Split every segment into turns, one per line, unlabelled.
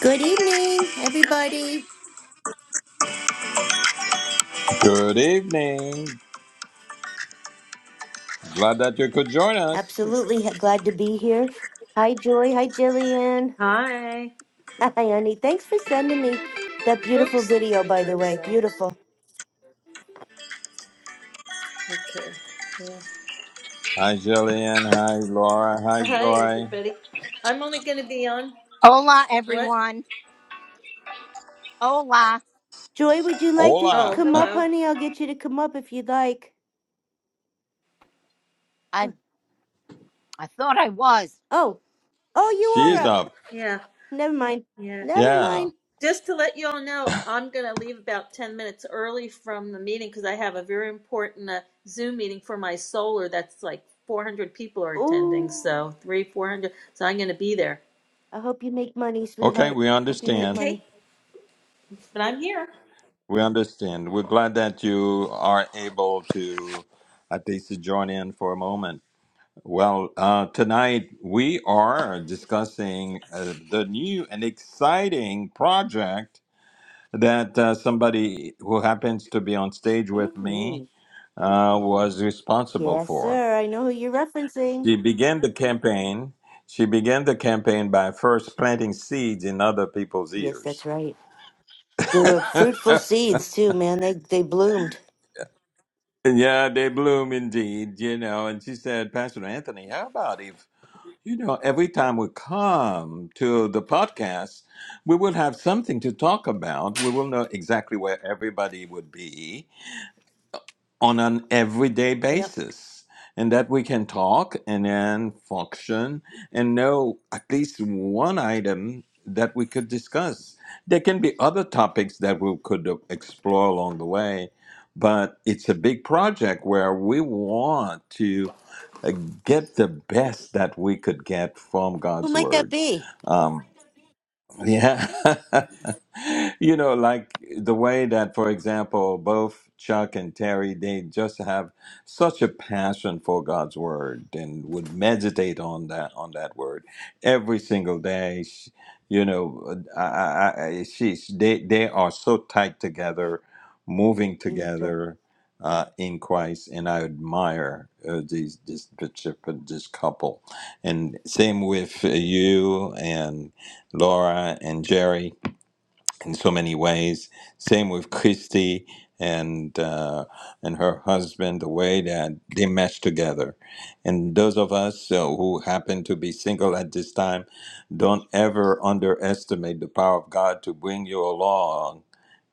Good evening, everybody.
Good evening. Glad that you could join us.
Absolutely ha- glad to be here. Hi, Joy. Hi, Jillian.
Hi.
Hi, Annie. Thanks for sending me that beautiful
Oops, let
video,
me
by
turn
the way.
this off.
Beautiful.
Okay, yeah.
Hi, Jillian. Hi, Laura. Hi,
Hi,
Joy.
everybody. I'm only going to be on
Hola,
what?
everyone. Hola.
Joy, would you like to
Oh,
Hola.
come up,
hello.
honey? I'll get you to come up if you'd like.
I
Uh,
I thought I was.
Oh, oh, you
She's
are
Yeah,
up.
up.
yeah,
Never mind.
yeah.
Never
Yeah.
mind.
Just to let you all know, I'm going to leave about 10 minutes early from the meeting because I have a very important uh, Zoom meeting for my solar that's like 400 people are attending.
Ooh,
So, three, 400. So, I'm going to be there.
I hope you make money,
Okay,
sweetheart.
we
Hope you make
understand.
Okay,
money.
but I'm here.
We understand. We're glad that you are able to at least to join in for a moment. Well, uh, tonight we are discussing uh, the new and exciting project that uh, somebody who happens to be on stage with
hmm
me uh, was responsible
Yes,
for.
sir. I know who you're referencing.
She began the campaign. She began the campaign by first planting seeds in other people's
Yes,
ears.
that's right. They were fruitful seeds too, man. They they bloomed.
yeah, they bloom indeed, you know. And she said, Pastor Anthony, how about if, you know, every time we come to the podcast, we will have something to talk about. We will know exactly where everybody would be on an everyday
Yep.
basis and that we can talk and then function and know at least one item that we could discuss there can be other topics that we could explore along the way but it's a big project where we want to uh, get the best that we could get from
Who
god's
might that
word
be?
Um, yeah. you know, like the way that, for example, both Chuck and Terry, they just have such a passion for God's word and would meditate on that on that word every single day. Sh- You know, I, I, I, she, they, they are so tight together, moving
Yes, sir.
together uh, in Christ, and I admire uh, these this this couple. And same with you Laura and Jerry in so many ways. Same with Christy and uh, and her husband, the way that they mesh together. And those of us uh, who happen to be single at this time, don't ever underestimate the power of God to bring you along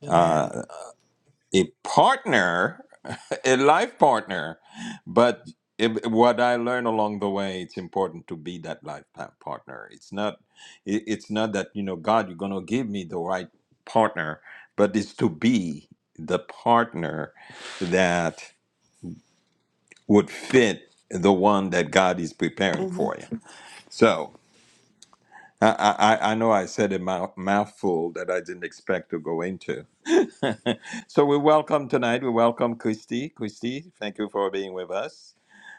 Amen.
uh, a partner a life partner. But it, what I learned along the way, it's important to be that life pa- partner. It's not, it, it's not that you know, God, you're gonna give me the right partner, but it's to be the partner that would fit the one that God is preparing
Mm-hmm.
for you. So. I, I, I I know I said a mouth, mouthful that I didn't expect to go into. so we welcome tonight. We welcome Christy. Christy, thank you for being with us.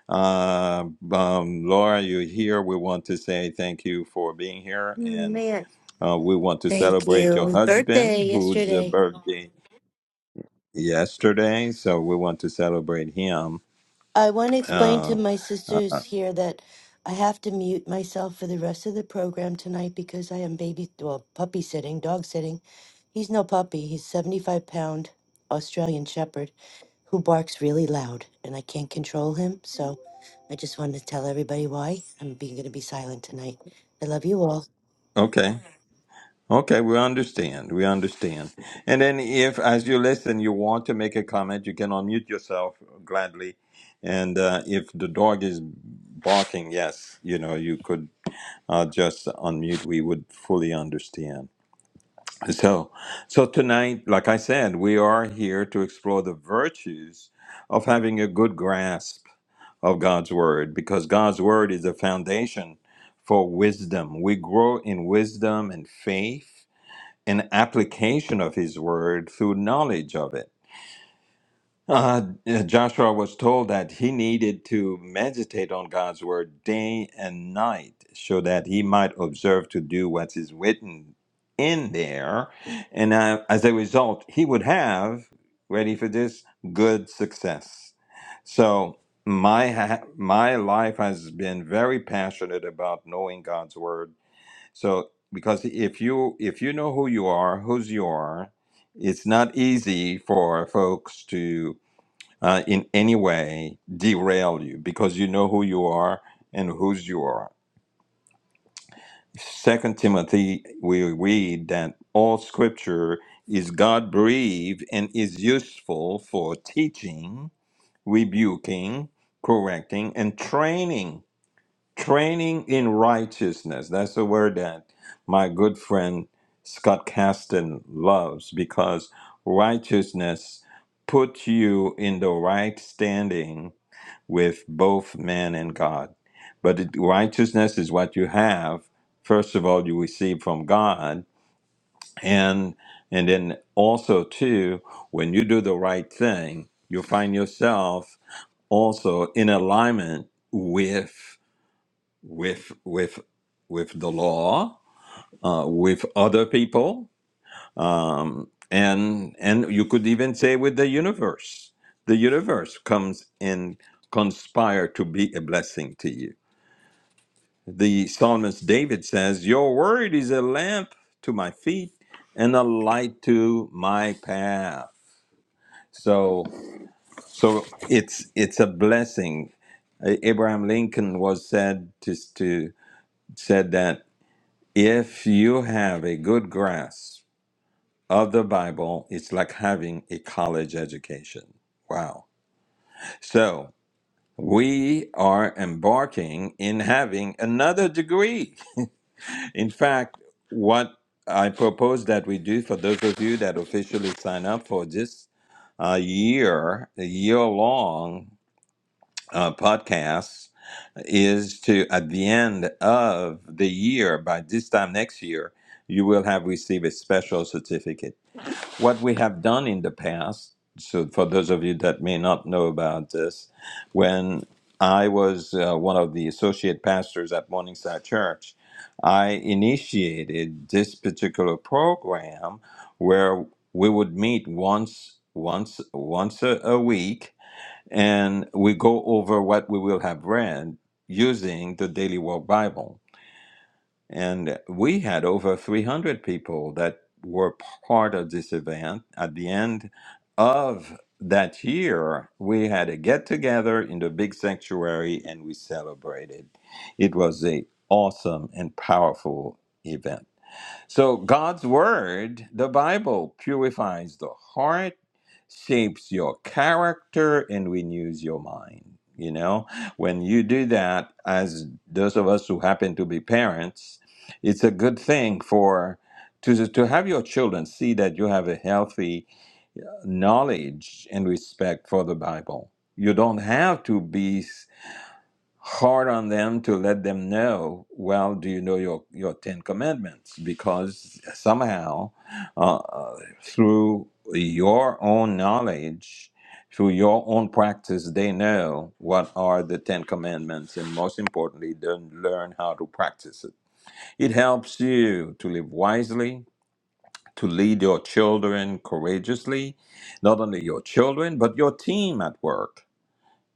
Uh, um, Laura, you're here. We want to say thank you for being here, and
Man,
uh, we want to
thank
celebrate your
you. Birthday
husband, whose uh,
yesterday.
birthday yesterday. So we want to celebrate him.
I want to explain to
Uh,
my
uh,
sisters here that I have to mute myself for the rest of the program tonight because I am baby, well, puppy sitting, dog sitting. He's no puppy. He's 75 pound Australian Shepherd who barks really loud and I can't control him. So I just wanted to tell everybody why I'm being going to be silent tonight. I love you all.
okay, okay, we understand. We understand. And then, if as you listen, you want to make a comment, you can unmute yourself gladly. And uh, if the dog is barking, yes, you know you could uh, just unmute. We would fully understand. So, so tonight, like I said, we are here to explore the virtues of having a good grasp of God's word because God's word is the foundation for wisdom. We grow in wisdom and faith and application of his word through knowledge of it. Uh-huh, Uh, Joshua was told that he needed to meditate on God's word day and night so that he might observe to do what is written in there. And uh, as a result, he would have, ready for this, good success. So my ha- my life has been very passionate about knowing God's word. So because if you if you know who you are, whose you are, it's not easy for folks to uh, in any way derail you because you know who you are and whose you are. Second Timothy, we read that all scripture is God breathed and is useful for teaching, rebuking, correcting, and training. Training in righteousness. That's a word that my good friend Scott Caston loves because righteousness puts you in the right standing with both man and God. But it- righteousness is what you have. First of all, you receive from God, and and then also too, when you do the right thing, you'll find yourself also in alignment with with with with the law, uh, with other people, um, and and you could even say with the universe. The universe comes and conspire to be a blessing to you The psalmist David says, Your word is a lamp to my feet and a light to my path. So so it's it's a blessing. A- Abraham Lincoln was said to, to said that if you have a good grasp of the Bible, it's like having a college education. Wow. So we are embarking in having another degree In fact, what I propose that we do for those of you that officially sign up for this uh, year, a year long uh, podcast, is to at the end of the year, by this time next year, you will have received a special certificate what we have done in the past, so for those of you that may not know about this, when I was uh, one of the associate pastors at Morningside Church, I initiated this particular program where we would meet once once once a, a week and we go over what we will have read using the Daily Walk Bible. And we had over 300 people that were part of this event. At the end of that year, we had a get together in the big sanctuary and we celebrated. It was a awesome and powerful event. So God's word, the Bible, purifies the heart, shapes your character, and renews your mind. You know, when you do that, as those of us who happen to be parents, it's a good thing for to, to have your children see that you have a healthy knowledge and respect for the Bible. You don't have to be hard on them to let them know well do you know your your 10 commandments because somehow uh, uh, through your own knowledge through your own practice they know what are the 10 commandments and most importantly they learn how to practice it it helps you to live wisely to lead your children courageously not only your children but your team at work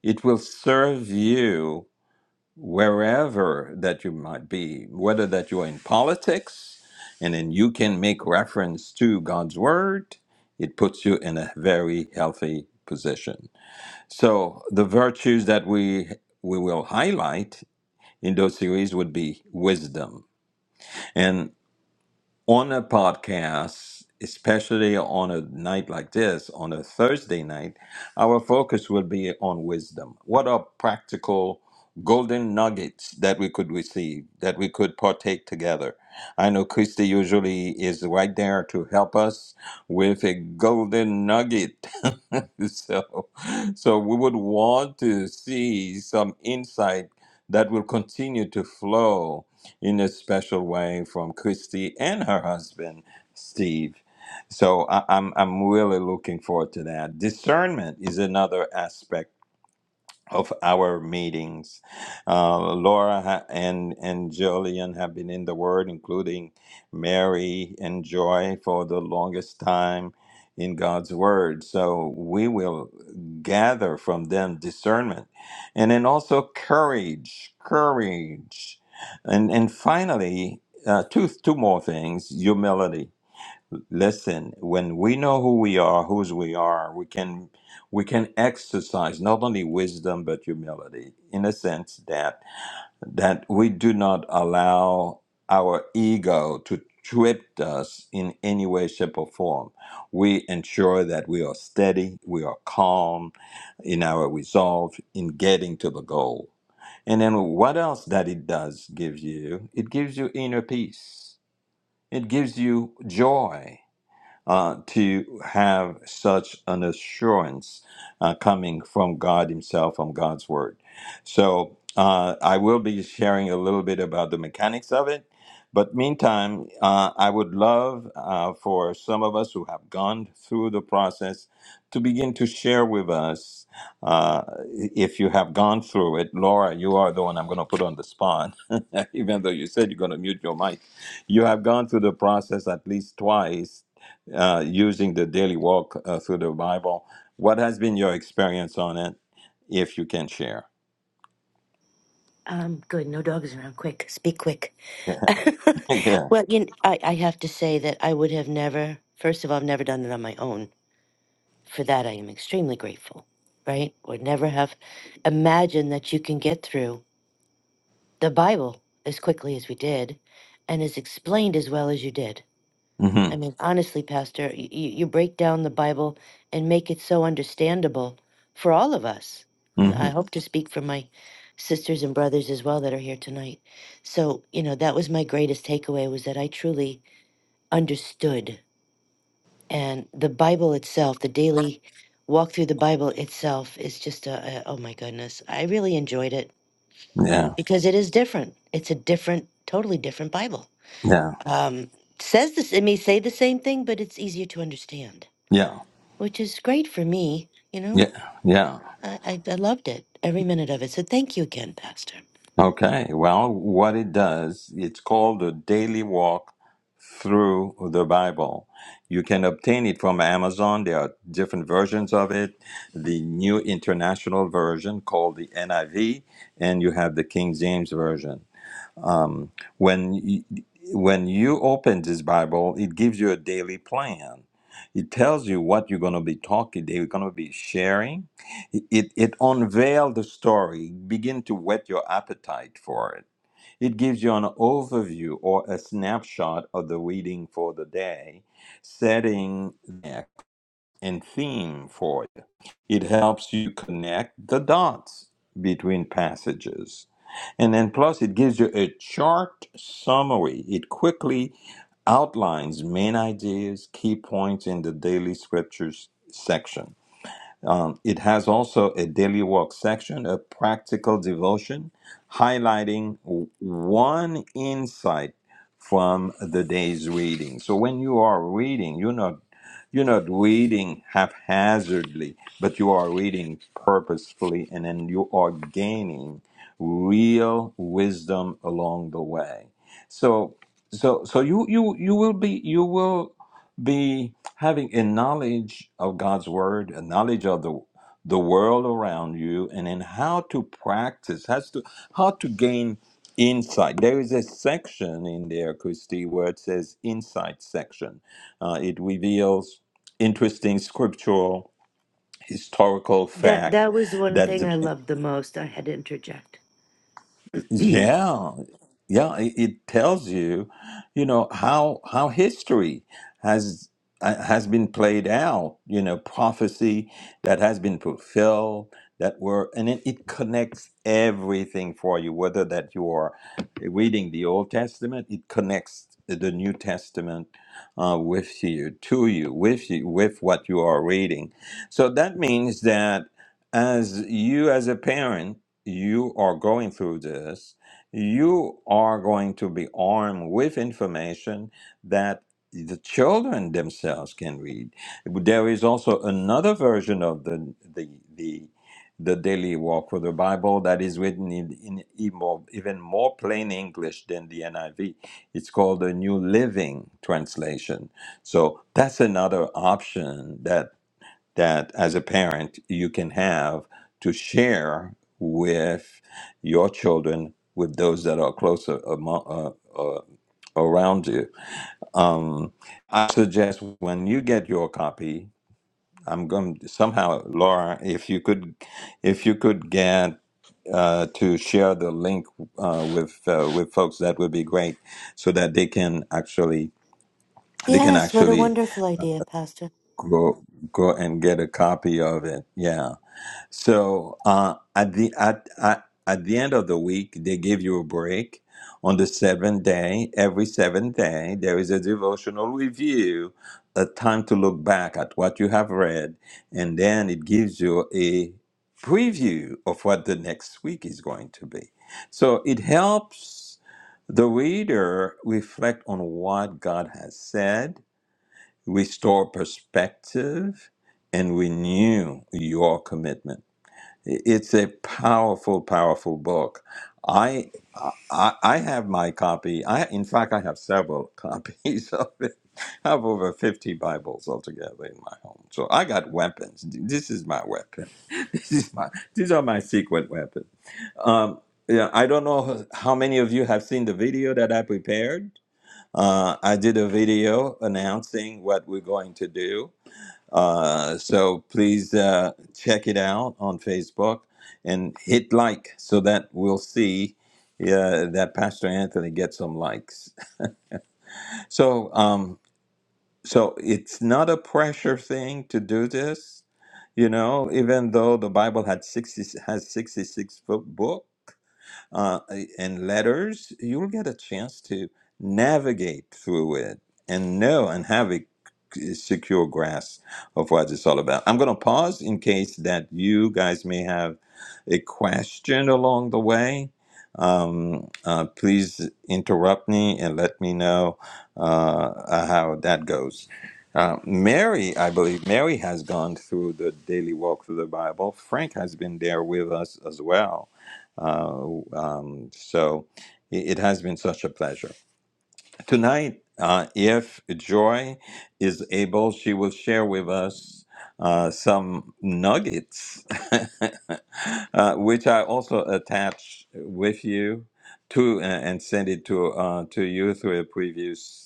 it will serve you wherever that you might be, whether that you are in politics and then you can make reference to God's word, it puts you in a very healthy position. So the virtues that we we will highlight in those series would be wisdom. and on a podcast, especially on a night like this, on a Thursday night, our focus will be on wisdom. What are practical golden nuggets that we could receive, that we could partake together? I know Christy usually is right there to help us with a golden nugget. so, so we would want to see some insight that will continue to flow in a special way from Christy and her husband, Steve. So I, I'm, I'm really looking forward to that. Discernment is another aspect of our meetings. Uh, Laura ha- and and Jillian have been in the Word, including Mary and Joy, for the longest time in God's Word. So we will gather from them discernment, and then also courage, courage, and and finally. Uh, two, two more things humility Listen, when we know who we are, whose we are, we can we can exercise not only wisdom but humility in a sense that that we do not allow our ego to trip us in any way, shape, or form. We ensure that we are steady, we are calm in our resolve in getting to the goal. And then what else that it does give you? It gives you inner peace. It gives you joy uh, to have such an assurance uh, coming from God Himself, from God's Word. So uh, I will be sharing a little bit about the mechanics of it. But meantime, uh, I would love uh, for some of us who have gone through the process to begin to share with us. Uh, if you have gone through it, Laura, you are the one I'm going to put on the spot, even though you said you're going to mute your mic. You have gone through the process at least twice uh, using the daily walk uh, through the Bible. What has been your experience on it, if you can share?
Um, good. No dogs around. Quick. Speak quick.
yeah.
well, you kn- I, I have to say that I would have never, first of all, I've never done it on my own. For that, I am extremely grateful, right? Would never have imagined that you can get through the Bible as quickly as we did and as explained as well as you did.
hmm
I mean, honestly, Pastor, you, you break down the Bible and make it so understandable for all of us. I,
hmm
I hope to speak for my sisters and brothers as well that are here tonight. So, you know, that was my greatest takeaway was that I truly understood. And the Bible itself, the daily walk through the Bible itself is just a, a oh my goodness. I really enjoyed it
Yeah.
because it is different. It's a different, totally different Bible.
Yeah.
Um, says this, it may say the same thing, but it's easier to understand.
Yeah.
which is great for me. You know,
Yeah. Yeah.
I, I, I loved it, every minute of it. So thank you again, Pastor.
Okay. Well, what it does, it's called a daily walk through the Bible. You can obtain it from Amazon. There are different versions of it. The New International Version called the NIV, and you have the King James Version. Um, when you, when you open this Bible, it gives you a daily plan. It tells you what you're going to be talking. They're going to be sharing. It it, it unveils the story. Begin to whet your appetite for it. It gives you an overview or a snapshot of the reading for the day, setting neck and theme for you. It helps you connect the dots between passages and then plus it gives you a chart summary. It quickly outlines main ideas, key points in the daily scriptures section. Um, it has also a daily walk section, a practical devotion, highlighting w- one insight from the day's reading. So when you are reading, you're not you're not reading haphazardly, but you are reading purposefully, and then you are gaining real wisdom along the way. So so so you you you will be you will be having a knowledge of God's word, a knowledge of the the world around you, and in how to practice, has to how to gain insight. There is a section in there, Christy, where it says insight section. Uh, it reveals interesting scriptural historical
That
fact
that was one
that
thing I
de-
loved the most. I had to interject.
Yeah, yeah. It, it tells you, you know, how how history has uh, has been played out. You know, prophecy that has been fulfilled that were, and it, it connects everything for you. Whether that you are reading the Old Testament, it connects the New Testament uh, with you, to you, with you, with what you are reading. So that means that as you as a parent you are going through this, you are going to be armed with information that the children themselves can read. There is also another version of the the the, the daily walk for the Bible that is written in, in even more even more plain English than the NIV. It's called the New Living Translation. So that's another option that that as a parent you can have to share with your children with those that are closer among, uh, uh, around you. Mm. I suggest when you get your copy, I'm going to somehow, Laura, if you could, if you could get uh, to share the link uh, with uh, with folks, that would be great, so that they can actually they can
yes, what a
actually
wonderful idea, Pastor.
go go and get a copy of it. Yeah So uh, at the at, at at the end of the week, they give you a break. On the seventh day, every seventh day, there is a devotional review, a time to look back at what you have read, and then it gives you a preview of what the next week is going to be. So it helps the reader reflect on what God has said, restore perspective, and renew your commitment. It's a powerful, powerful book. I, I I have my copy. I in fact I have several copies of it. I have over fifty Bibles altogether in my home. So I got weapons. This is my weapon. This is my these are my secret weapons. Um, yeah, I don't know how many of you have seen the video that I prepared. Uh, I did a video announcing what we're going to do uh, so please uh, check it out on Facebook and hit like so that we'll see uh, that Pastor Anthony gets some likes. So, um, so it's not a pressure thing to do this, you know. Even though the Bible had sixty has sixty six book, uh, and letters, you'll get a chance to navigate through it and know and have a secure grasp of what it's all about. I'm going to pause in case that you guys may have a question along the way. Um, uh, please interrupt me and let me know uh, uh, how that goes. Uh, Mary, I believe Mary has gone through the daily walk through the Bible. Frank has been there with us as well uh, um, so it has been such a pleasure. Tonight, uh, if Joy is able, she will share with us uh, some nuggets, uh, which I also attach with you to and send it to uh, to you through a previous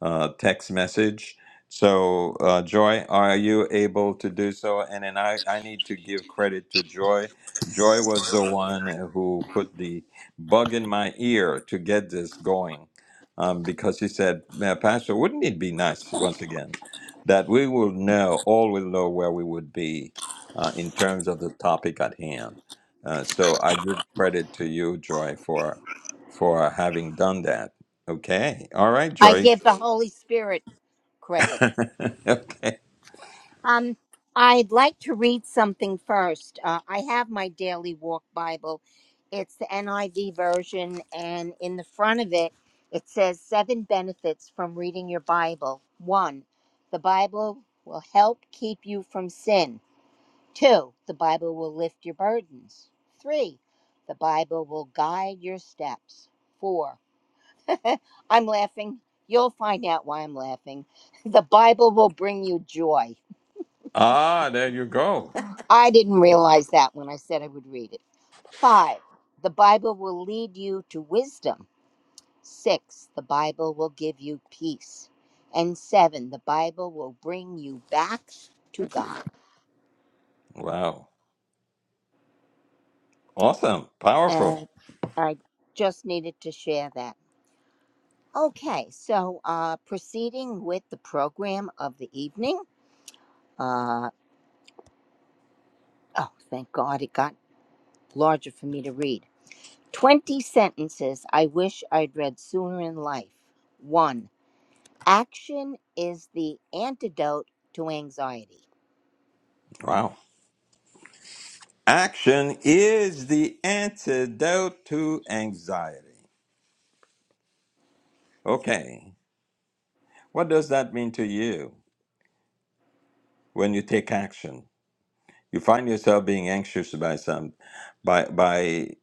uh, text message. So, uh, Joy, are you able to do so? And then I, I need to give credit to Joy. Joy was the one who put the bug in my ear to get this going um, because he said, "Man, Pastor, wouldn't it be nice once again that we will know, all will know where we would be uh, in terms of the topic at hand? Uh, so I give credit to you, Joy, for for having done that. Okay. All right,
I
Joy.
give the Holy Spirit credit.
okay.
Um, I'd like to read something first. Uh, I have my daily walk Bible. It's the NIV version, and in the front of it, it says seven benefits from reading your Bible. One, the Bible will help keep you from sin. Two, the Bible will lift your burdens. Three, the Bible will guide your steps. Four. I'm laughing. You'll find out why I'm laughing. The Bible will bring you joy.
Ah, there you go.
I didn't realize that when I said I would read it. Five, the Bible will lead you to wisdom. Six, the Bible will give you peace. And seven, the Bible will bring you back to God.
Wow. Awesome.
And
Powerful.
I just needed to share that. Okay, so uh, proceeding with the program of the evening. Uh, oh, thank God it got larger for me to read. 20 sentences I wish I'd read sooner in life. One, action is the antidote to anxiety.
Wow. Action is the antidote to anxiety. Okay. What does that mean to you when you take action? You find yourself being anxious by some by by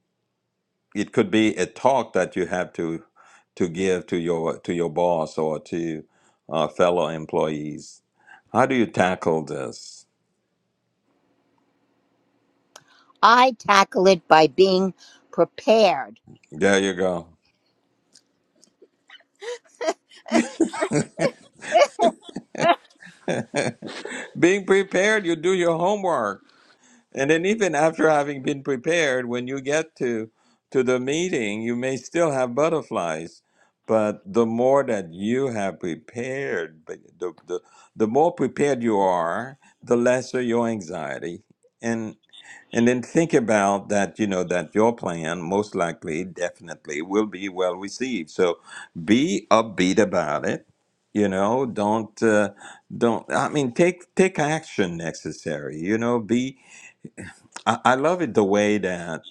it could be a talk that you have to to give to your to your boss or to uh, fellow employees. How do you tackle this?
I tackle it by being prepared.
There you go. Being prepared, you do your homework. And then even after having been prepared, when you get to to the meeting, you may still have butterflies. But the more that you have prepared, but the, the, the more prepared you are, the lesser your anxiety. And and then think about that, you know, that your plan most likely, definitely will be well received. So be upbeat about it. You know, don't, uh, don't, I mean, take, take action necessary. You know, be, I, I love it the way that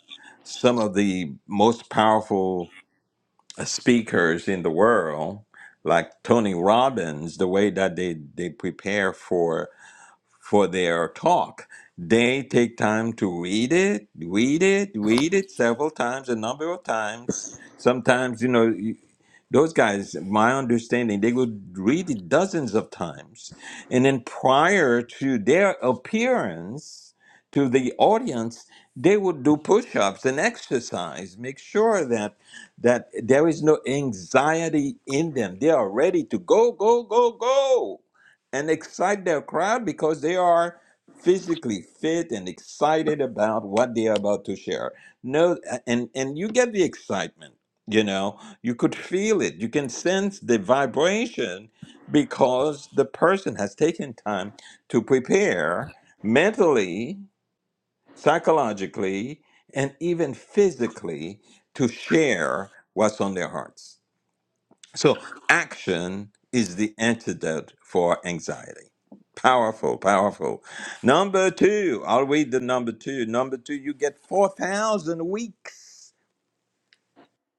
some of the most powerful uh, speakers in the world, like Tony Robbins, the way that they, they prepare for for their talk. They take time to read it, read it, read it several times, a number of times. Sometimes, you know, you- those guys, my understanding, they would read it dozens of times. And then prior to their appearance to the audience, they would do push ups and exercise, make sure that that there is no anxiety in them. They are ready to go, go, go, go and excite their crowd because they are physically fit and excited about what they are about to share. No, and and you get the excitement. You know, you could feel it. You can sense the vibration because the person has taken time to prepare mentally, psychologically, and even physically to share what's on their hearts. So action is the antidote for anxiety. Powerful, powerful. Number two, I'll read the number two. Number two, you get four thousand weeks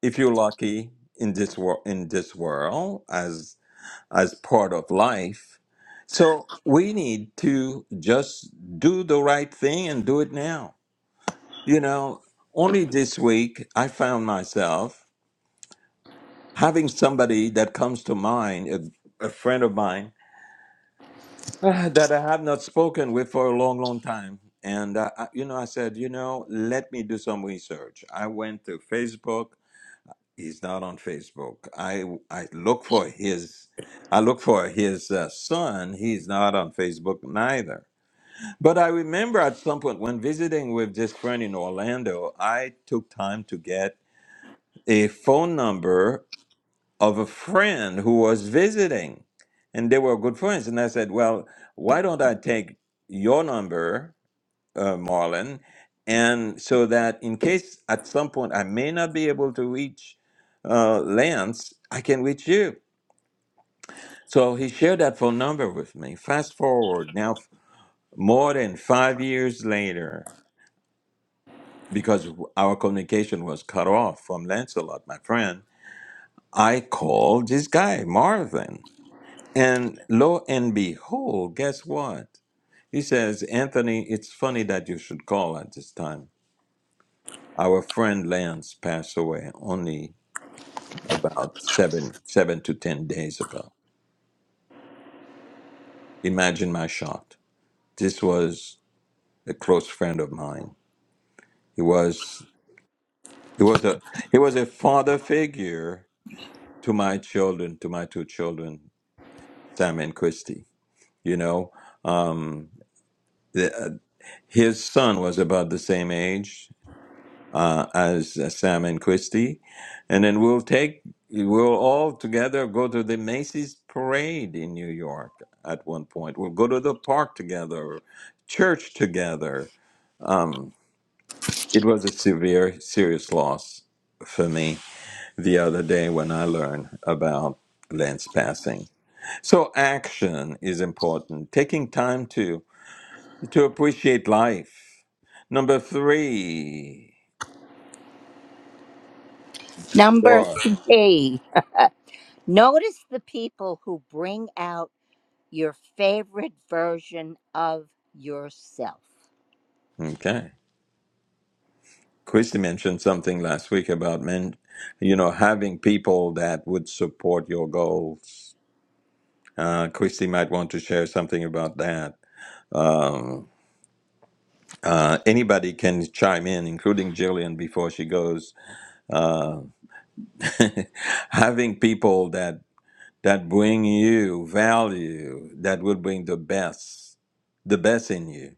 if you're lucky in this world. In this world, as as part of life, so we need to just do the right thing and do it now. You know, only this week I found myself having somebody that comes to mind, a, a friend of mine uh, that I have not spoken with for a long, long time. And, uh, I- you know, I said, you know, let me do some research. I went to Facebook. He's not on Facebook. I, I look for his, I look for his uh, son. He's not on Facebook neither. But I remember at some point when visiting with this friend in Orlando, I took time to get a phone number of a friend who was visiting and they were good friends and i said well why don't i take your number uh, marlon and so that in case at some point i may not be able to reach uh, lance i can reach you so he shared that phone number with me fast forward now f- more than five years later because our communication was cut off from lancelot my friend i called this guy marvin And lo and behold, guess what? He says, Anthony, it's funny that you should call at this time. Our friend Lance passed away only about seven, seven to ten days ago. Imagine my shock. This was a close friend of mine. He was he was a he was a father figure to my children, to my two children, Sam and Christy. You know, um, the, uh, his son was about the same age. uh, as uh, Sam and Christy, and then we'll take we'll all together go to the Macy's parade in New York at one point. We'll go to the park together, church together. Um, it was a severe, serious loss for me the other day when I learned about Lance passing. So action is important. Taking time to to appreciate life. Number three,
Number
joy.
three, notice the people who bring out your favorite version of yourself.
Okay. Christy mentioned something last week about men, you know, having people that would support your goals. Uh, Christy might want to share something about that. Um, uh, anybody can chime in, including Jillian, before she goes. Uh, having people that that bring you value, that would bring the best, the best in you.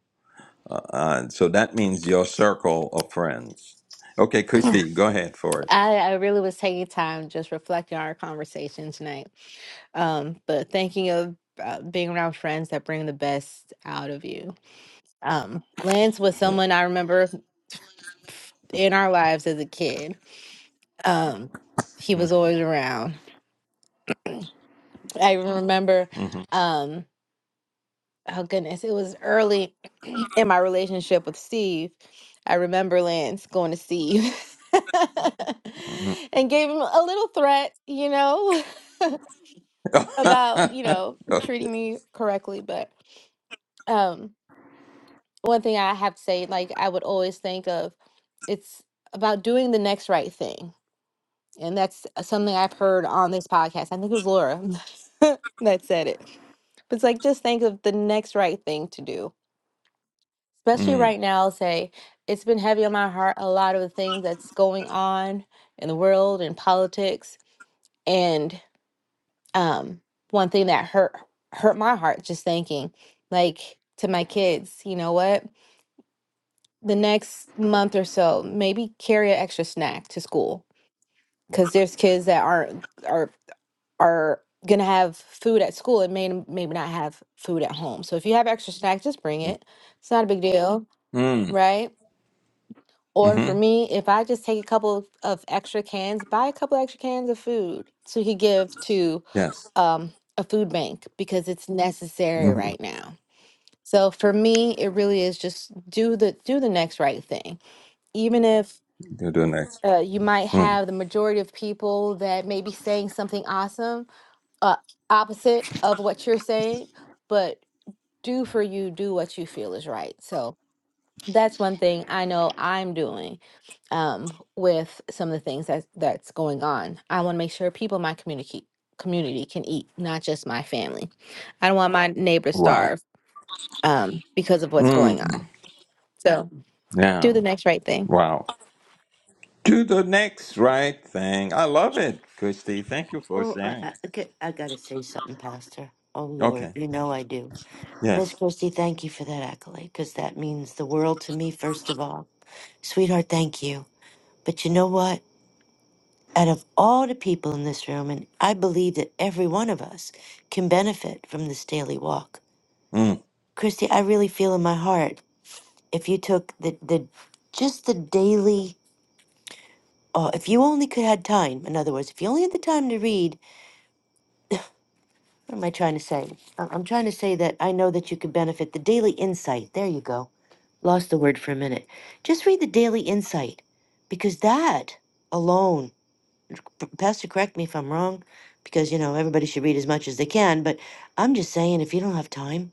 Uh, uh, so that means your circle of friends. Okay, Christy, go ahead for it.
I, I really was taking time just reflecting on our conversation tonight. Um, but thinking of uh, being around friends that bring the best out of you. Um, Lance was
Yeah.
someone I remember in our lives as a kid. Um, he was
Mm-hmm.
always around. I even remember,
Mm-hmm.
um, oh goodness, it was early in my relationship with Steve. I remember Lance going to Steve
Mhm.
and gave him a little threat, you know. about you know treating me correctly but um one thing i have to say like i would always think of it's about doing the next right thing and that's uh, something i've heard on this podcast i think it was laura that said it but it's like just think of the next right thing to do especially
Mm.
right now I'll say it's been heavy on my heart a lot of the things that's going on in the world and politics and. um one thing that hurt hurt my heart just thinking like to my kids you know what the next month or so maybe carry an extra snack to school because there's kids that aren't are are gonna have food at school and may maybe not have food at home so if you have extra snack just bring it it's not a big deal
Mm.
right or for
Mhm.
me if i just take a couple of, of extra cans buy a couple extra cans of food so you could give to
Yes.
um, a food bank because it's necessary
Mhm.
right now. So for me, it really is just do the do the next right thing, even if
Do the next.
uh, you might
Mm.
have the majority of people that may be saying something awesome, uh, opposite of what you're saying, but do for you, do what you feel is right. So that's one thing I know I'm doing um, with some of the things that that's going on. I want to make sure people in my community community can eat, not just my family. I don't want my neighbor to
Wow.
starve um, because of what's going on.
Mm.
So
Yeah.
do the next right thing.
Wow. Do the next right thing. I love it, Christy. Thank you for
Oh, I,
sharing.
I, okay, I gotta say something, Pastor. Oh Lord,
Okay.
you know I do. Miss
Yes.
Christie, thank you for that accolade, because that means the world to me, first of all. Sweetheart, thank you. But you know what? Out of all the people in this room, and I believe that every one of us can benefit from this daily walk.
Mm.
Christy, I really feel in my heart if you took the the just the daily. Oh, if you only could had time. In other words, if you only had the time to read, what am I trying to say? I- I'm trying to say that I know that you could benefit the daily insight. There you go. Lost the word for a minute. Just read the daily insight, because that alone, P- Pastor, correct me if I'm wrong, because you know everybody should read as much as they can. But I'm just saying, if you don't have time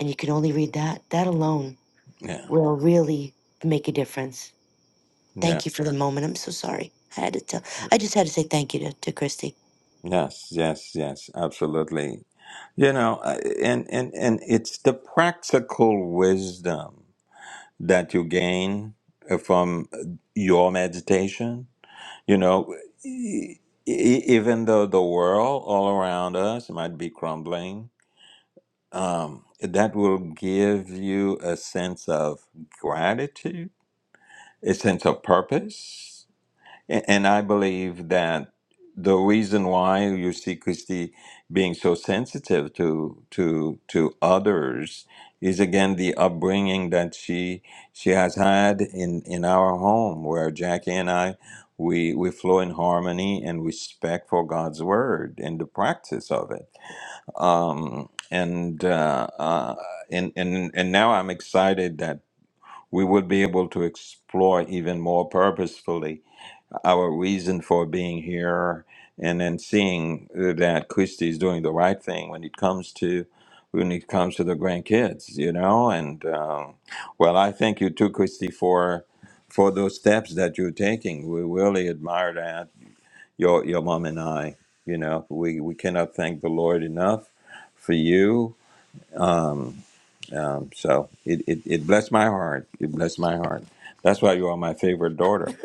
and you can only read that, that alone
Yeah.
will really make a difference.
Yeah.
Thank you for the moment. I'm so sorry. I had to tell. I just had to say thank you to, to Christy.
Yes. Yes. Yes. Absolutely. You know, I- and and and it's the practical wisdom that you gain from your meditation You know, e- e- even though the world all around us might be crumbling, um, that will give you a sense of gratitude, a sense of purpose. A- And I believe that the reason why you see Christy being so sensitive to to to others is again the upbringing that she she has had in in our home, where Jackie and I we we flow in harmony and respect for God's word and the practice of it. Um, and uh, uh, and and and now I'm excited that we will be able to explore even more purposefully our reason for being here, and then seeing that Christy is doing the right thing when it comes to when it comes to the grandkids, you know. And um, well, I thank you too, Christy, for for those steps that you're taking. We really admire that your your mom and I. You know, we we cannot thank the Lord enough for you. Um, um, so it, it it blessed my heart. It blessed my heart. That's why you are my favorite daughter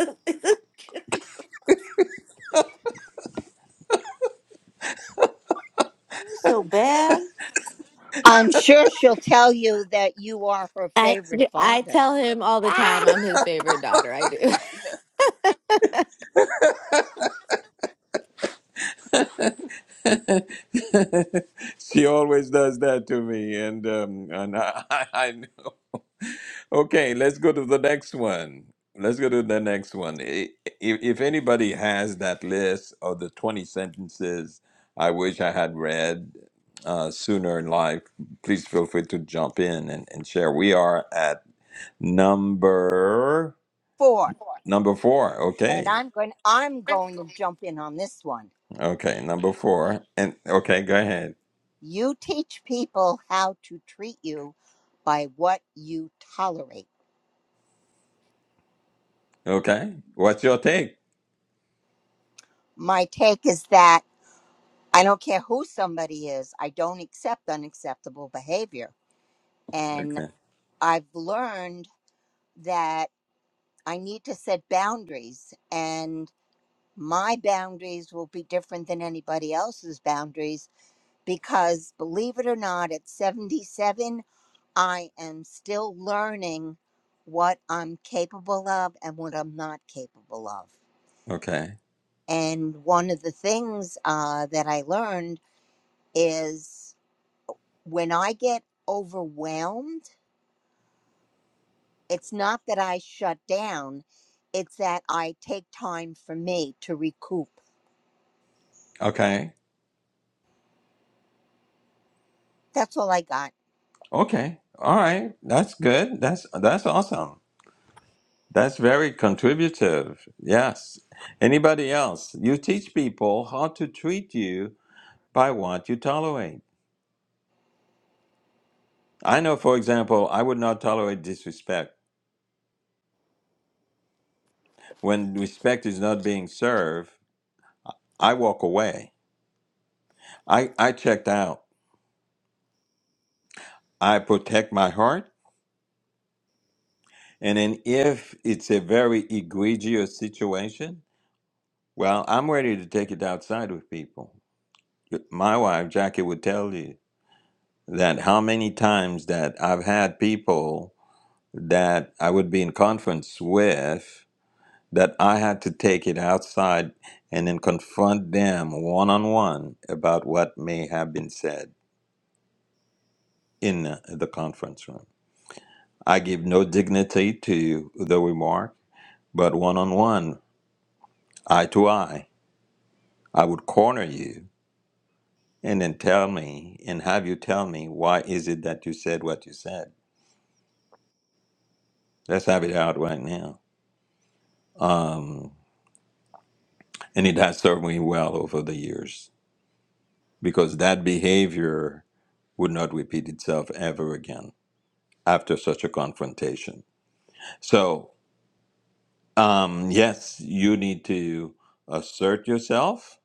It was so bad.
I'm sure she'll tell you that you are her
I
favorite
I
father.
tell him all the time
Ah!
I'm his favorite daughter. I do.
she always does that to me, and um, and I, I, I know. Okay, let's go to the next one. Let's go to the next one. I- If, if anybody has that list of the twenty sentences I wish I had read uh, sooner in life, please feel free to jump in and, and share. We are at number
Four,
number four.
and
Okay,
I'm going I'm going to jump in on this one.
okay, number four, and okay, go ahead.
You teach people how to treat you by what you tolerate.
Okay, what's your take?
My take is that I don't care who somebody is, I don't accept unacceptable behavior. And
Okay.
I've learned that I need to set boundaries, and my boundaries will be different than anybody else's boundaries because, believe it or not, at 77, I am still learning what I'm capable of and what I'm not capable of.
Okay.
And one of the things uh, that I learned is when I get overwhelmed, it's not that I shut down, it's that I take time for me to recoup.
Okay.
That's all I got.
Okay. All right. That's good. That's that's awesome. That's very contributive. Yes. Anybody else? You teach people how to treat you by what you tolerate. I know, for example, I would not tolerate disrespect. When respect is not being served, I walk away. I, I checked out. I protect my heart. And then if it's a very egregious situation, well, I'm ready to take it outside with people. my wife Jackie would tell you that how many times that I've had people that I would be in conference with that I had to take it outside and then confront them one on one about what may have been said in the conference room. I give no dignity to the remark, but one on one, eye to eye, I would corner you and then tell me and have you tell me why is it that you said what you said Let's have it out right now. Um, and it has served me well over the years because that behavior would not repeat itself ever again after such a confrontation. So, um, yes, you need to assert yourself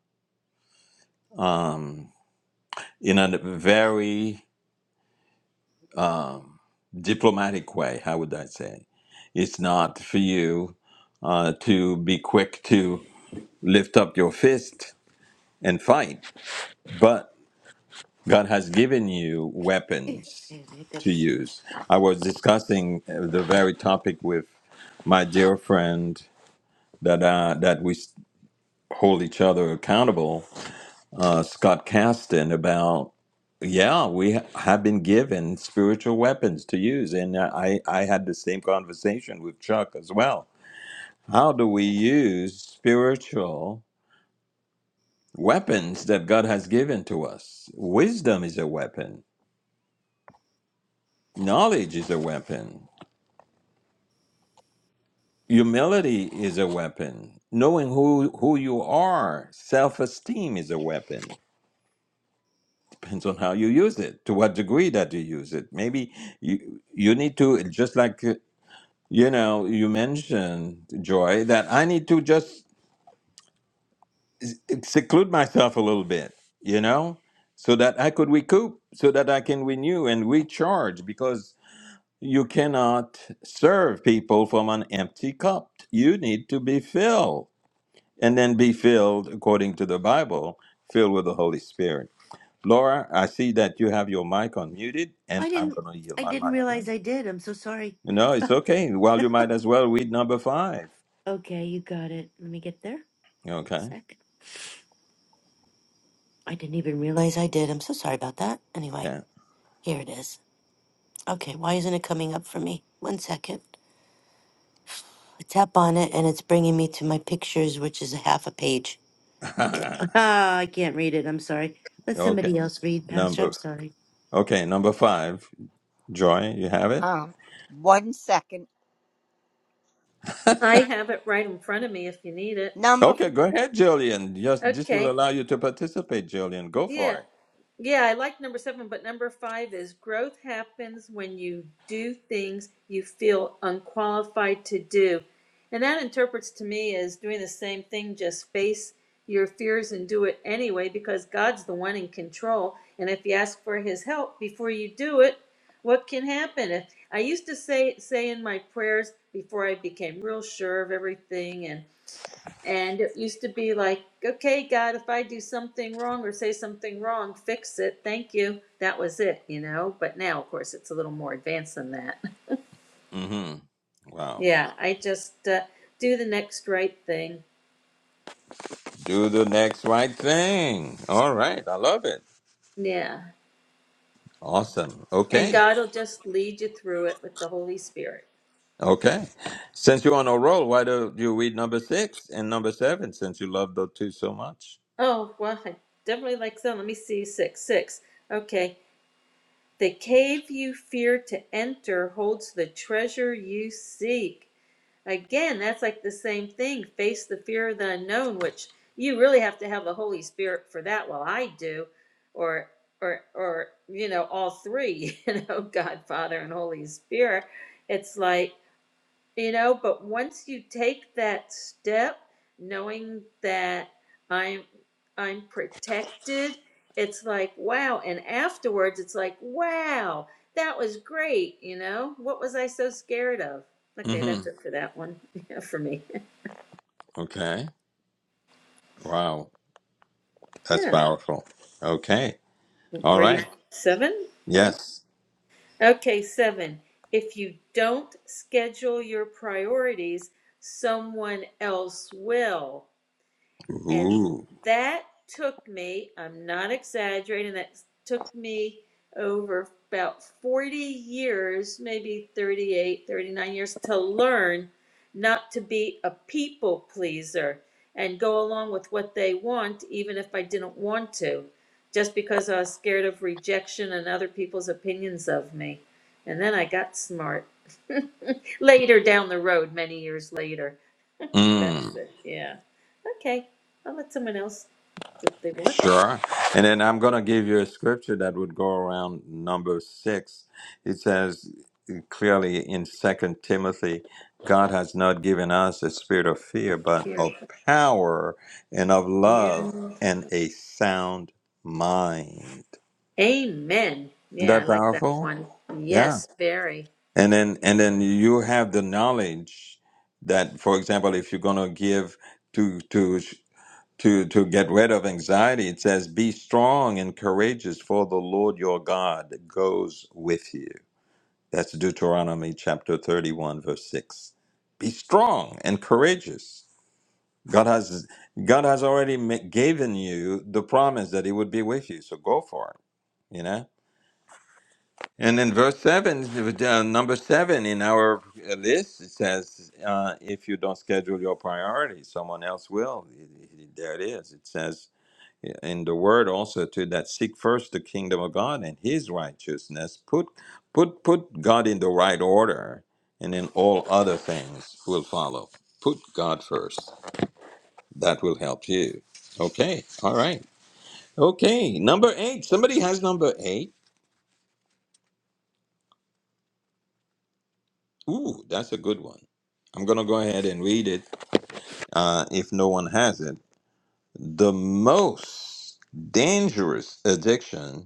um, in a very diplomatic way. How would I say? It's not for you uh, to be quick to lift up your fist and fight, but. God has given you
Ew, I
weapons
have
to
hiccups.
use. I was discussing uh, the very topic with my dear friend that uh, that we s- hold each other accountable, uh, Scott Caston, about yeah, we ha- have been given spiritual weapons to use, and uh, I I had the same conversation with Chuck as well. How do we use spiritual weapons that God has given to us? Wisdom is a weapon. Knowledge is a weapon Humility is a weapon. Knowing who, who you are, self esteem is a weapon. Depends on how you use it, to what degree that you use it. Maybe you, you need to, just like, uh, you know, you mentioned, Joy, that I need to just s- seclude myself a little bit, you know, so that I could recoup, so that I can renew and recharge because you cannot serve people from an empty cup. You need to be filled and then be filled according to the Bible, filled with the Holy Spirit. Laura, I see that you have your mic unmuted, and
I
I'm
didn't.
going to yield
I
my
didn't
mic to you.
realize I did. I'm so sorry.
No, it's okay. Well, you might as well read number five.
Okay, you got it. Let me get there. Give me a
Okay.
sec. I didn't even realize I did. I'm so sorry about that. Anyway,
Yeah.
here it is. Okay, why isn't it coming up for me? One second. I tap on it and it's bringing me to my pictures, which is a half a page. Ah, I can't read it. I'm sorry. Let
okay.
somebody else read, Pastor. I'm
Number.
sorry.
Okay, number five. Joy, you have it.
Um, one second.
I have it right in front of me if you need it.
Number
Okay, go ahead, Jillian. Yes, this will
Okay,
allow you to participate, Jillian. Go
yeah.
for it.
Yeah, I like number seven, but number five is growth happens when you do things you feel unqualified to do. And that interprets to me as doing the same thing, just face your fears and do it anyway, because God's the one in control. And if you ask for his help before you do it, what can happen? If- I used to say say in my prayers before I became real sure of everything and. And it used to be like, okay, God, if I do something wrong or say something wrong, fix it. Thank you. That was it, you know. But now, of course, it's a little more advanced than that.
Mm-hmm. Wow.
Yeah, I just uh, do the next right thing.
Do the next right thing. All right. I love it.
Yeah.
Awesome.
And
Okay.
God will just lead you through it with the Holy Spirit.
Okay. Since you're on a roll, why don't you read number six and number seven since you love those two so much?
Oh, well, I definitely like some. Let me see. Six, six. Okay. The cave you fear to enter holds the treasure you seek. Again, that's like the same thing. Face the fear of the unknown, which you really have to have the Holy Spirit for that. Well, I do, or or or you know, all three, you know, God, Father, and Holy Spirit. It's like you know, but once you take that step, knowing that I'm I'm protected, it's like wow. And afterwards, it's like wow, that was great. You know, what was I so scared of? Okay,
hmm
that's it for that one. Yeah, for me.
Okay. Wow. That's
Yeah,
powerful. Okay. All
ready for
right.
seven? No.
Yes.
Okay, seven. If you don't schedule your priorities, someone else will. And
Ooh.
that took me, I'm not exaggerating, that took me over about 40 years, maybe 38, 39 years to learn not to be a people pleaser and go along with what they want, even if I didn't want to, just because I was scared of rejection and other people's opinions of me. And then I got smart later down the road, many years later. That's it. Yeah. Okay. I'll let someone else. If they want
Sure. And then I'm going to give you a scripture that would go around number six. It says clearly in Second Timothy, God has not given us a spirit of fear, but
your
of power and of love
hands.
and a sound mind.
Amen.
Isn't
Yeah, I
that
like that
powerful?
one.
Yeah.
Yes, very.
And then and then you have the knowledge that, for example, if you're going to give to to to to get rid of anxiety it says be strong and courageous for the lord your god goes with you that's deuteronomy chapter 31 verse 6 be strong and courageous god has god has already ma- given you the promise that he would be with you so go for it you know and in verse 7 uh, number 7 in our uh, list it says uh, if you don't schedule your priorities someone else will there it is it says in the word also too, that seek first the kingdom of God and his righteousness. Put put put God in the right order and then all other things will follow. Put God first. That will help you. Okay. All right. Okay. Number eight. Somebody has number eight. Ooh, that's a good one. I'm gonna go ahead and read it. Uh, if no one has it. The most dangerous addiction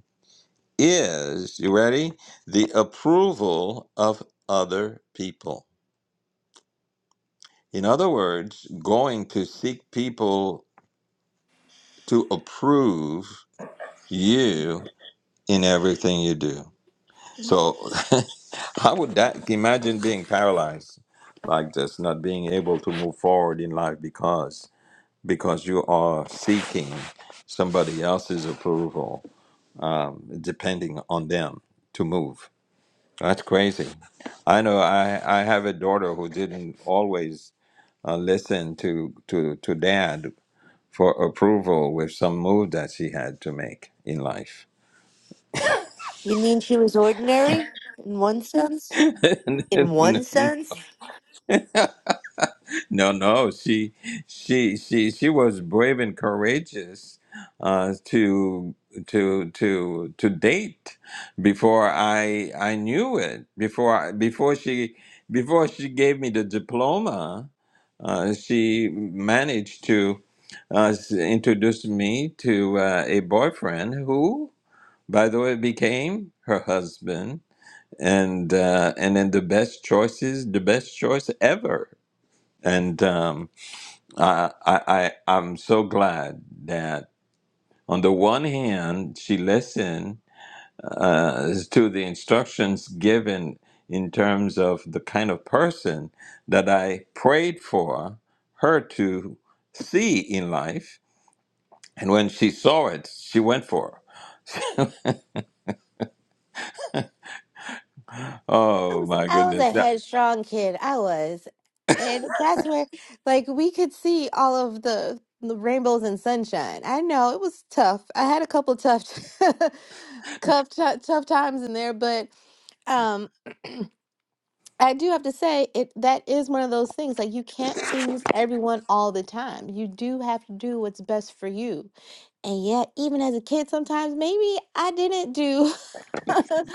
is, you ready? The approval of other people. In other words, going to seek people to approve you in everything you do. So how would that imagine being paralyzed like this, not being able to move forward in life because because you are seeking somebody else's approval, um, depending on them to move. That's crazy. I know. I I have a daughter who didn't always uh, listen to to to dad for approval with some move that she had to make in life.
You mean she was ordinary? In one sense? In one sense?
no, no, she she she she was brave and courageous uh, to to to to date before I I knew it before I, before she before she gave me the diploma Uh, she managed to uh, s- introduce me to uh, a boyfriend who, by the way, became her husband, and uh, and then the best choices, the best choice ever. And um, I, I, I, I'm so glad that on the one hand she listened uh, to the instructions given in terms of the kind of person that I prayed for her to see in life. And when she saw it, she went for. it.
I
Oh
was
my
I was
goodness!
a
That,
headstrong kid. I was. And that's where like we could see all of the, the rainbows and sunshine. I know it was tough. I had a couple tough tough ti- tough times in there, but um I do have to say it that is one of those things like you can't please everyone all the time. You do have to do what's best for you. And yet, even as a kid, sometimes maybe I didn't do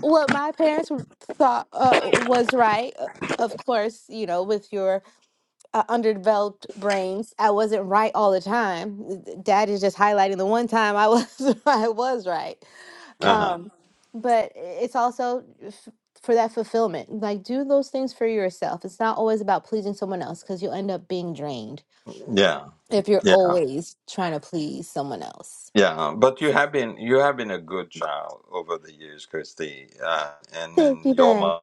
what my parents w- thought uh, was right. uh, Of course, you know, with your uh, underdeveloped brains, I wasn't right all the time. Uh, d- Dad is just highlighting the one time I was I was right.
uh-huh.
Um, but it's also f- for that fulfillment. Like do those things for yourself. It's not always about pleasing someone else because you'll end up being drained
Yeah,
if you're
yeah,
always trying to please someone else.
yeah. But you have been you have been a good child over the years, Christy. Uh, and
Thank
and
you,
your
Dad.
mom,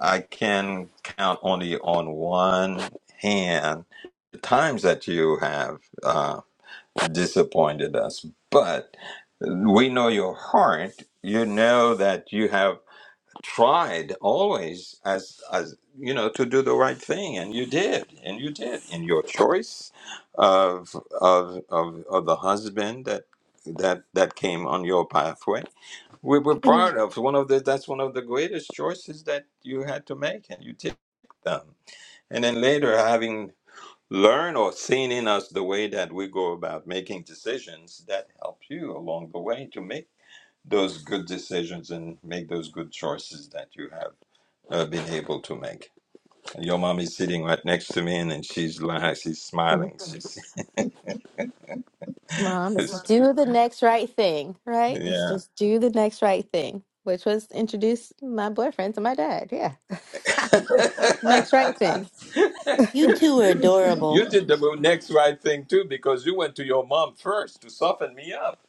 I can count only on one hand the times that you have. uh, disappointed us. But we know your heart. You know that you have tried always as as you know to do the right thing, and you did, and you did in your choice of of of, of the husband that that that came on your pathway. We were proud of one of the that's one of the greatest choices that you had to make, and you did them. And then later, having learn or seen in us the way that we go about making decisions that help you along the way to make those good decisions and make those good choices that you have uh, been able to make. Your mom is sitting right next to me and, and she's lying, she's smiling. She's,
Mom, it's do the next right thing, right? It's
yeah.
just do the next right thing, which was introduce my boyfriend to my dad. Yeah. Next right thing.
You two are adorable.
you did the next right thing too because you went to your mom first to soften me up.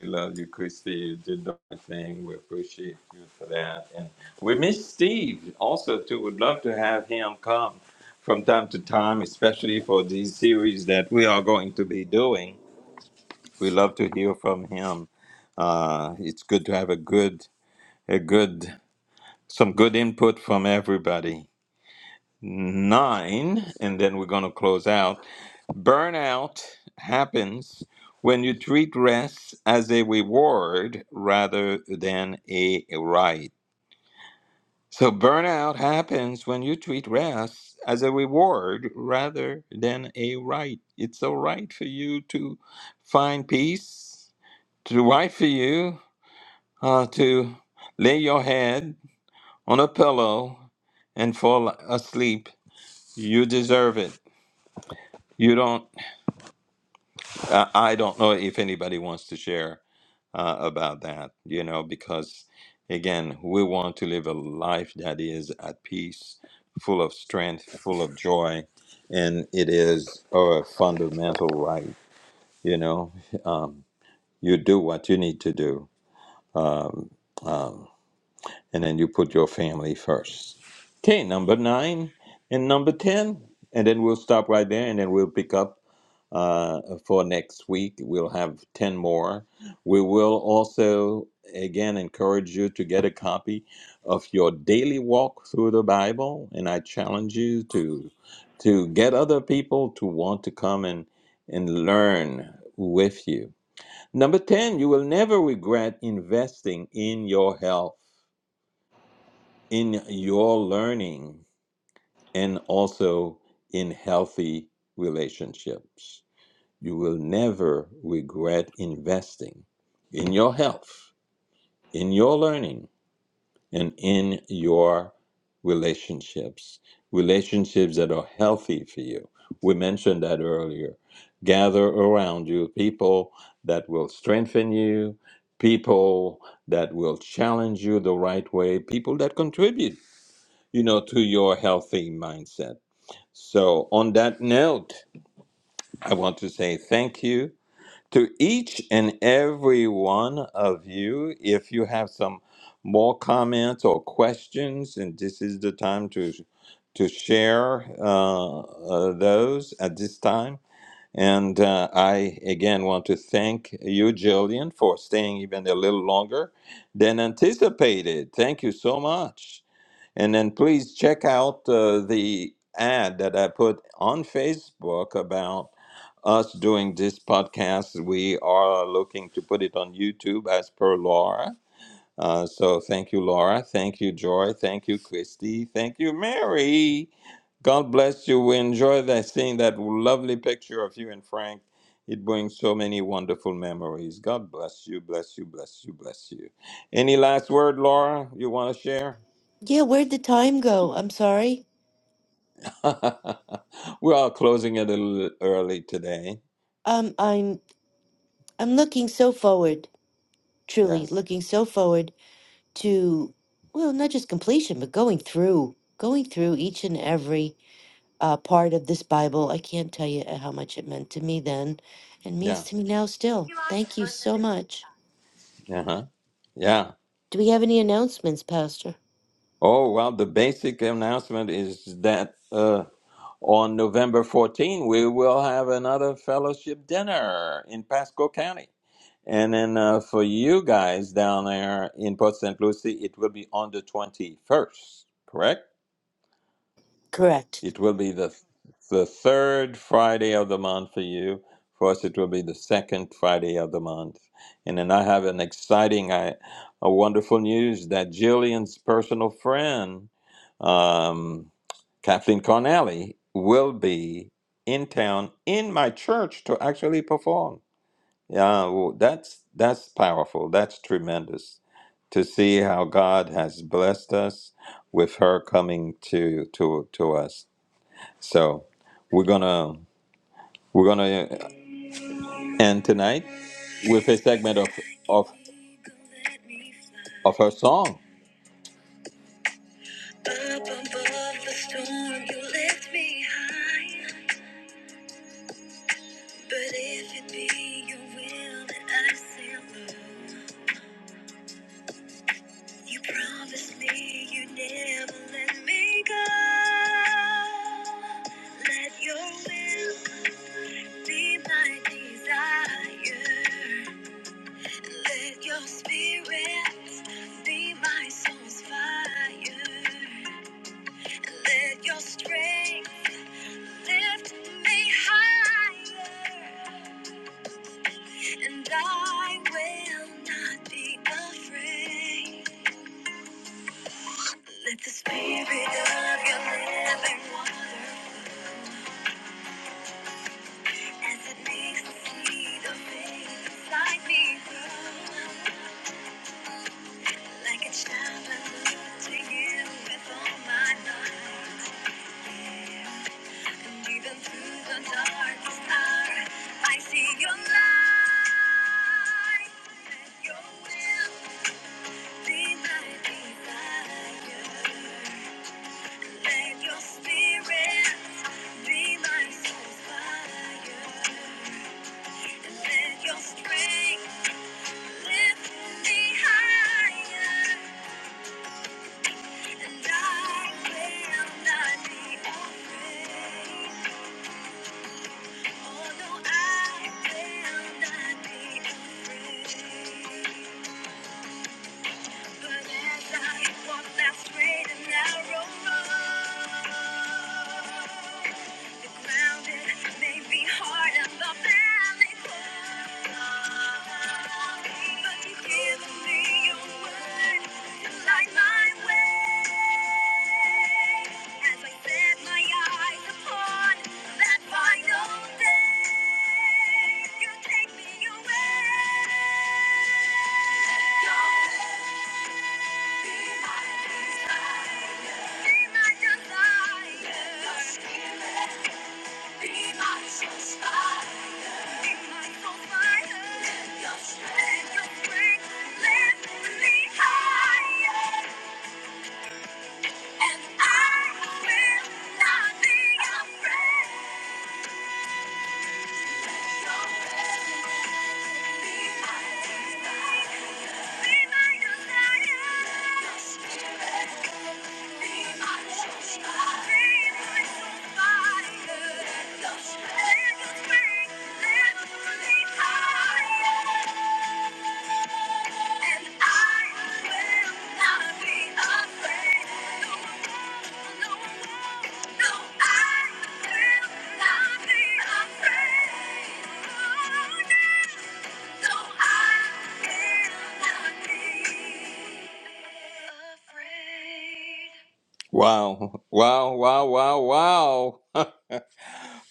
We love you, Christy. You did the right thing. We appreciate you for that. And we miss Steve also too. Would love to have him come from time to time, especially for these series that we are going to be doing. We love to hear from him. Uh, it's good to have a good, a good, some good input from everybody. Nine, and then we're going to close out. Burnout happens when you treat rest as a reward rather than a right. So, burnout happens when you treat rest as a reward rather than a right. It's all right for you to find peace, to right for you uh, to lay your head on a pillow and fall asleep. You deserve it. You don't, uh, I don't know if anybody wants to share. uh, about that, you know, because again, we want to live a life that is at peace, full of strength, full of joy, and it is our fundamental right, you know. Um, you do what you need to do, um, um, and then you put your family first. Okay, number nine and number 10, and then we'll stop right there and then we'll pick up uh, for next week. We'll have 10 more. We will also, again, encourage you to get a copy of your daily walk through the Bible. And I challenge you to, to get other people to want to come and, and learn with you. Number 10, you will never regret investing in your health, in your learning, and also in healthy relationships. You will never regret investing in your health, in your learning, and in your relationships. Relationships that are healthy for you. We mentioned that earlier. Gather around you people that will strengthen you, people that will challenge you the right way, people that contribute, you know, to your healthy mindset. So, on that note, I want to say thank you. to each and every one of you. If you have some more comments or questions, and this is the time to to share uh, uh, those at this time. And uh, I again want to thank you, Jillian, for staying even a little longer than anticipated. Thank you so much. And then please check out uh, the ad that I put on Facebook about us doing this podcast. We are looking to put it on YouTube as per Laura. Uh, so thank you, Laura. Thank you, Joy. Thank you, Christy. Thank you, Mary. God bless you. We enjoy that seeing that lovely picture of you and Frank. It brings so many wonderful memories. God bless you, bless you, bless you, bless you. Any last word, Laura, you want to share?
Yeah, where'd the time go? I'm sorry.
We're all closing it a little early today.
Um, I'm I'm looking so forward, truly
Yes.
looking so forward to, well, not just completion, but going through, going through each and every uh, part of this Bible. I can't tell you how much it meant to me then, and
Yeah.
means to me now still. Thank you so much.
Uh huh. Yeah.
Do we have any announcements, Pastor?
Oh, well, the basic announcement is that uh, on November fourteenth we will have another fellowship dinner in Pasco County. And then uh, for you guys down there in Port St. Lucie, it will be on the 21st, correct?
Correct.
It will be the the third Friday of the month for you. For us, it will be the second Friday of the month. And then I have an exciting, I, a wonderful news that Jillian's personal friend, um, Kathleen Connelly, will be in town in my church to actually perform. Yeah, well, that's that's powerful. That's tremendous to see how God has blessed us with her coming to to to us. So we're gonna we're gonna end tonight with a segment of of of her song. Up above the storm, you lift me high. But if it be your will that I sail low, you promise me you never let me go. Let your will be my desire. Let your spirit be my soul's fire. Let your strength lift me higher. And I will not be afraid. Let the spirit of your living water as it makes me see the things inside me grow. Like a child, I look to you with all my life. And even through the darkest hour, I see your light. Let your will be my desire. Let your spirit be my soul's fire. And let your strength lift me higher. And I will not be afraid. Oh, no, I will not be afraid. Light my way as I set my eyes upon that final day. You take me away. Higher, and I will not be afraid. Thank you. No, no, no, Oh, no, no, Wow, wow, wow, wow, wow.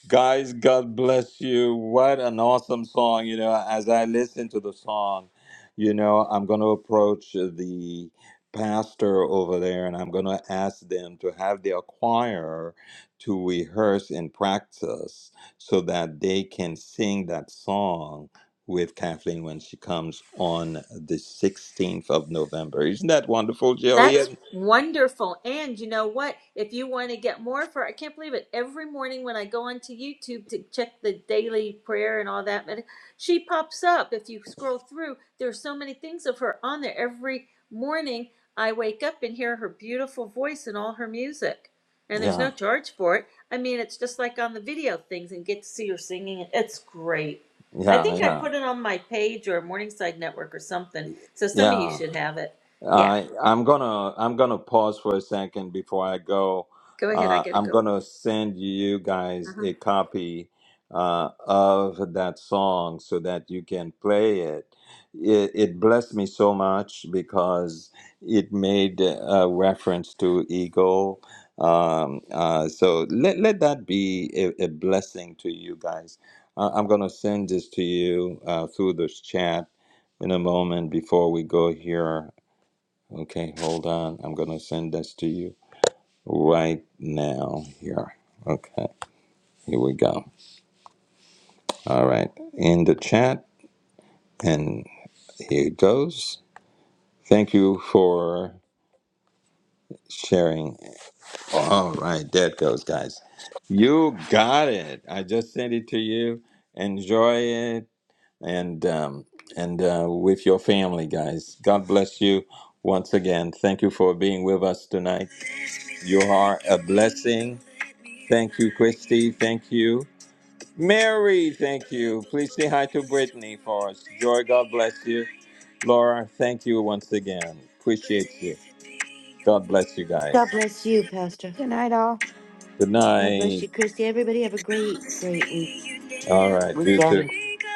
Guys, God bless you. What an awesome song. You know, as I listen to the song, you know, I'm going to approach the pastor over there and I'm going to ask them to have their choir to rehearse and practice so that they can sing that song with Kathleen when she comes on the 16th of November. Isn't that wonderful,
That's
Jillian?
wonderful. And you know what? If you want to get more for I can't believe it. Every morning when I go onto YouTube to check the daily prayer and all that, but she pops up. If you scroll through, there's so many things of her on there. Every morning I wake up and hear her beautiful voice and all her music. And there's
Yeah,
no charge for it. I mean, it's just like on the video things and get to see her singing. it. It's great. I
yeah,
think I
yeah,
put it on my page or Morningside Network or something. So some of you
yeah.
should have it. Yeah.
I I'm gonna I'm gonna pause for a second before I go.
Go ahead, I
Uh,
gotta
I'm
go.
gonna send you guys
Uh-huh.
a copy uh, of that song so that you can play it. It, it blessed me so much because it made a reference to Eagle. Um, uh, so let, let that be a, a blessing to you guys. Uh, I'm gonna send this to you uh, through this chat in a moment before we go here Okay, hold on. I'm going to send this to you right now here. Okay, here we go. All right, in the chat, and here it goes. Thank you for sharing. All right, there it goes, guys. You got it. I just sent it to you. Enjoy it and um, and uh, with your family, guys. God bless you once again. Thank you for being with us tonight. You are a blessing Thank you, Christy. Thank you. Mary, thank you. Please say hi to Brittany for us. Joy, God bless you. Laura, thank you once again. Appreciate you. God bless you guys.
God bless you, Pastor.
Good night, all.
Good
God bless
night.
you, Christy. Everybody have a great, great week
All right, you
weekend.
too.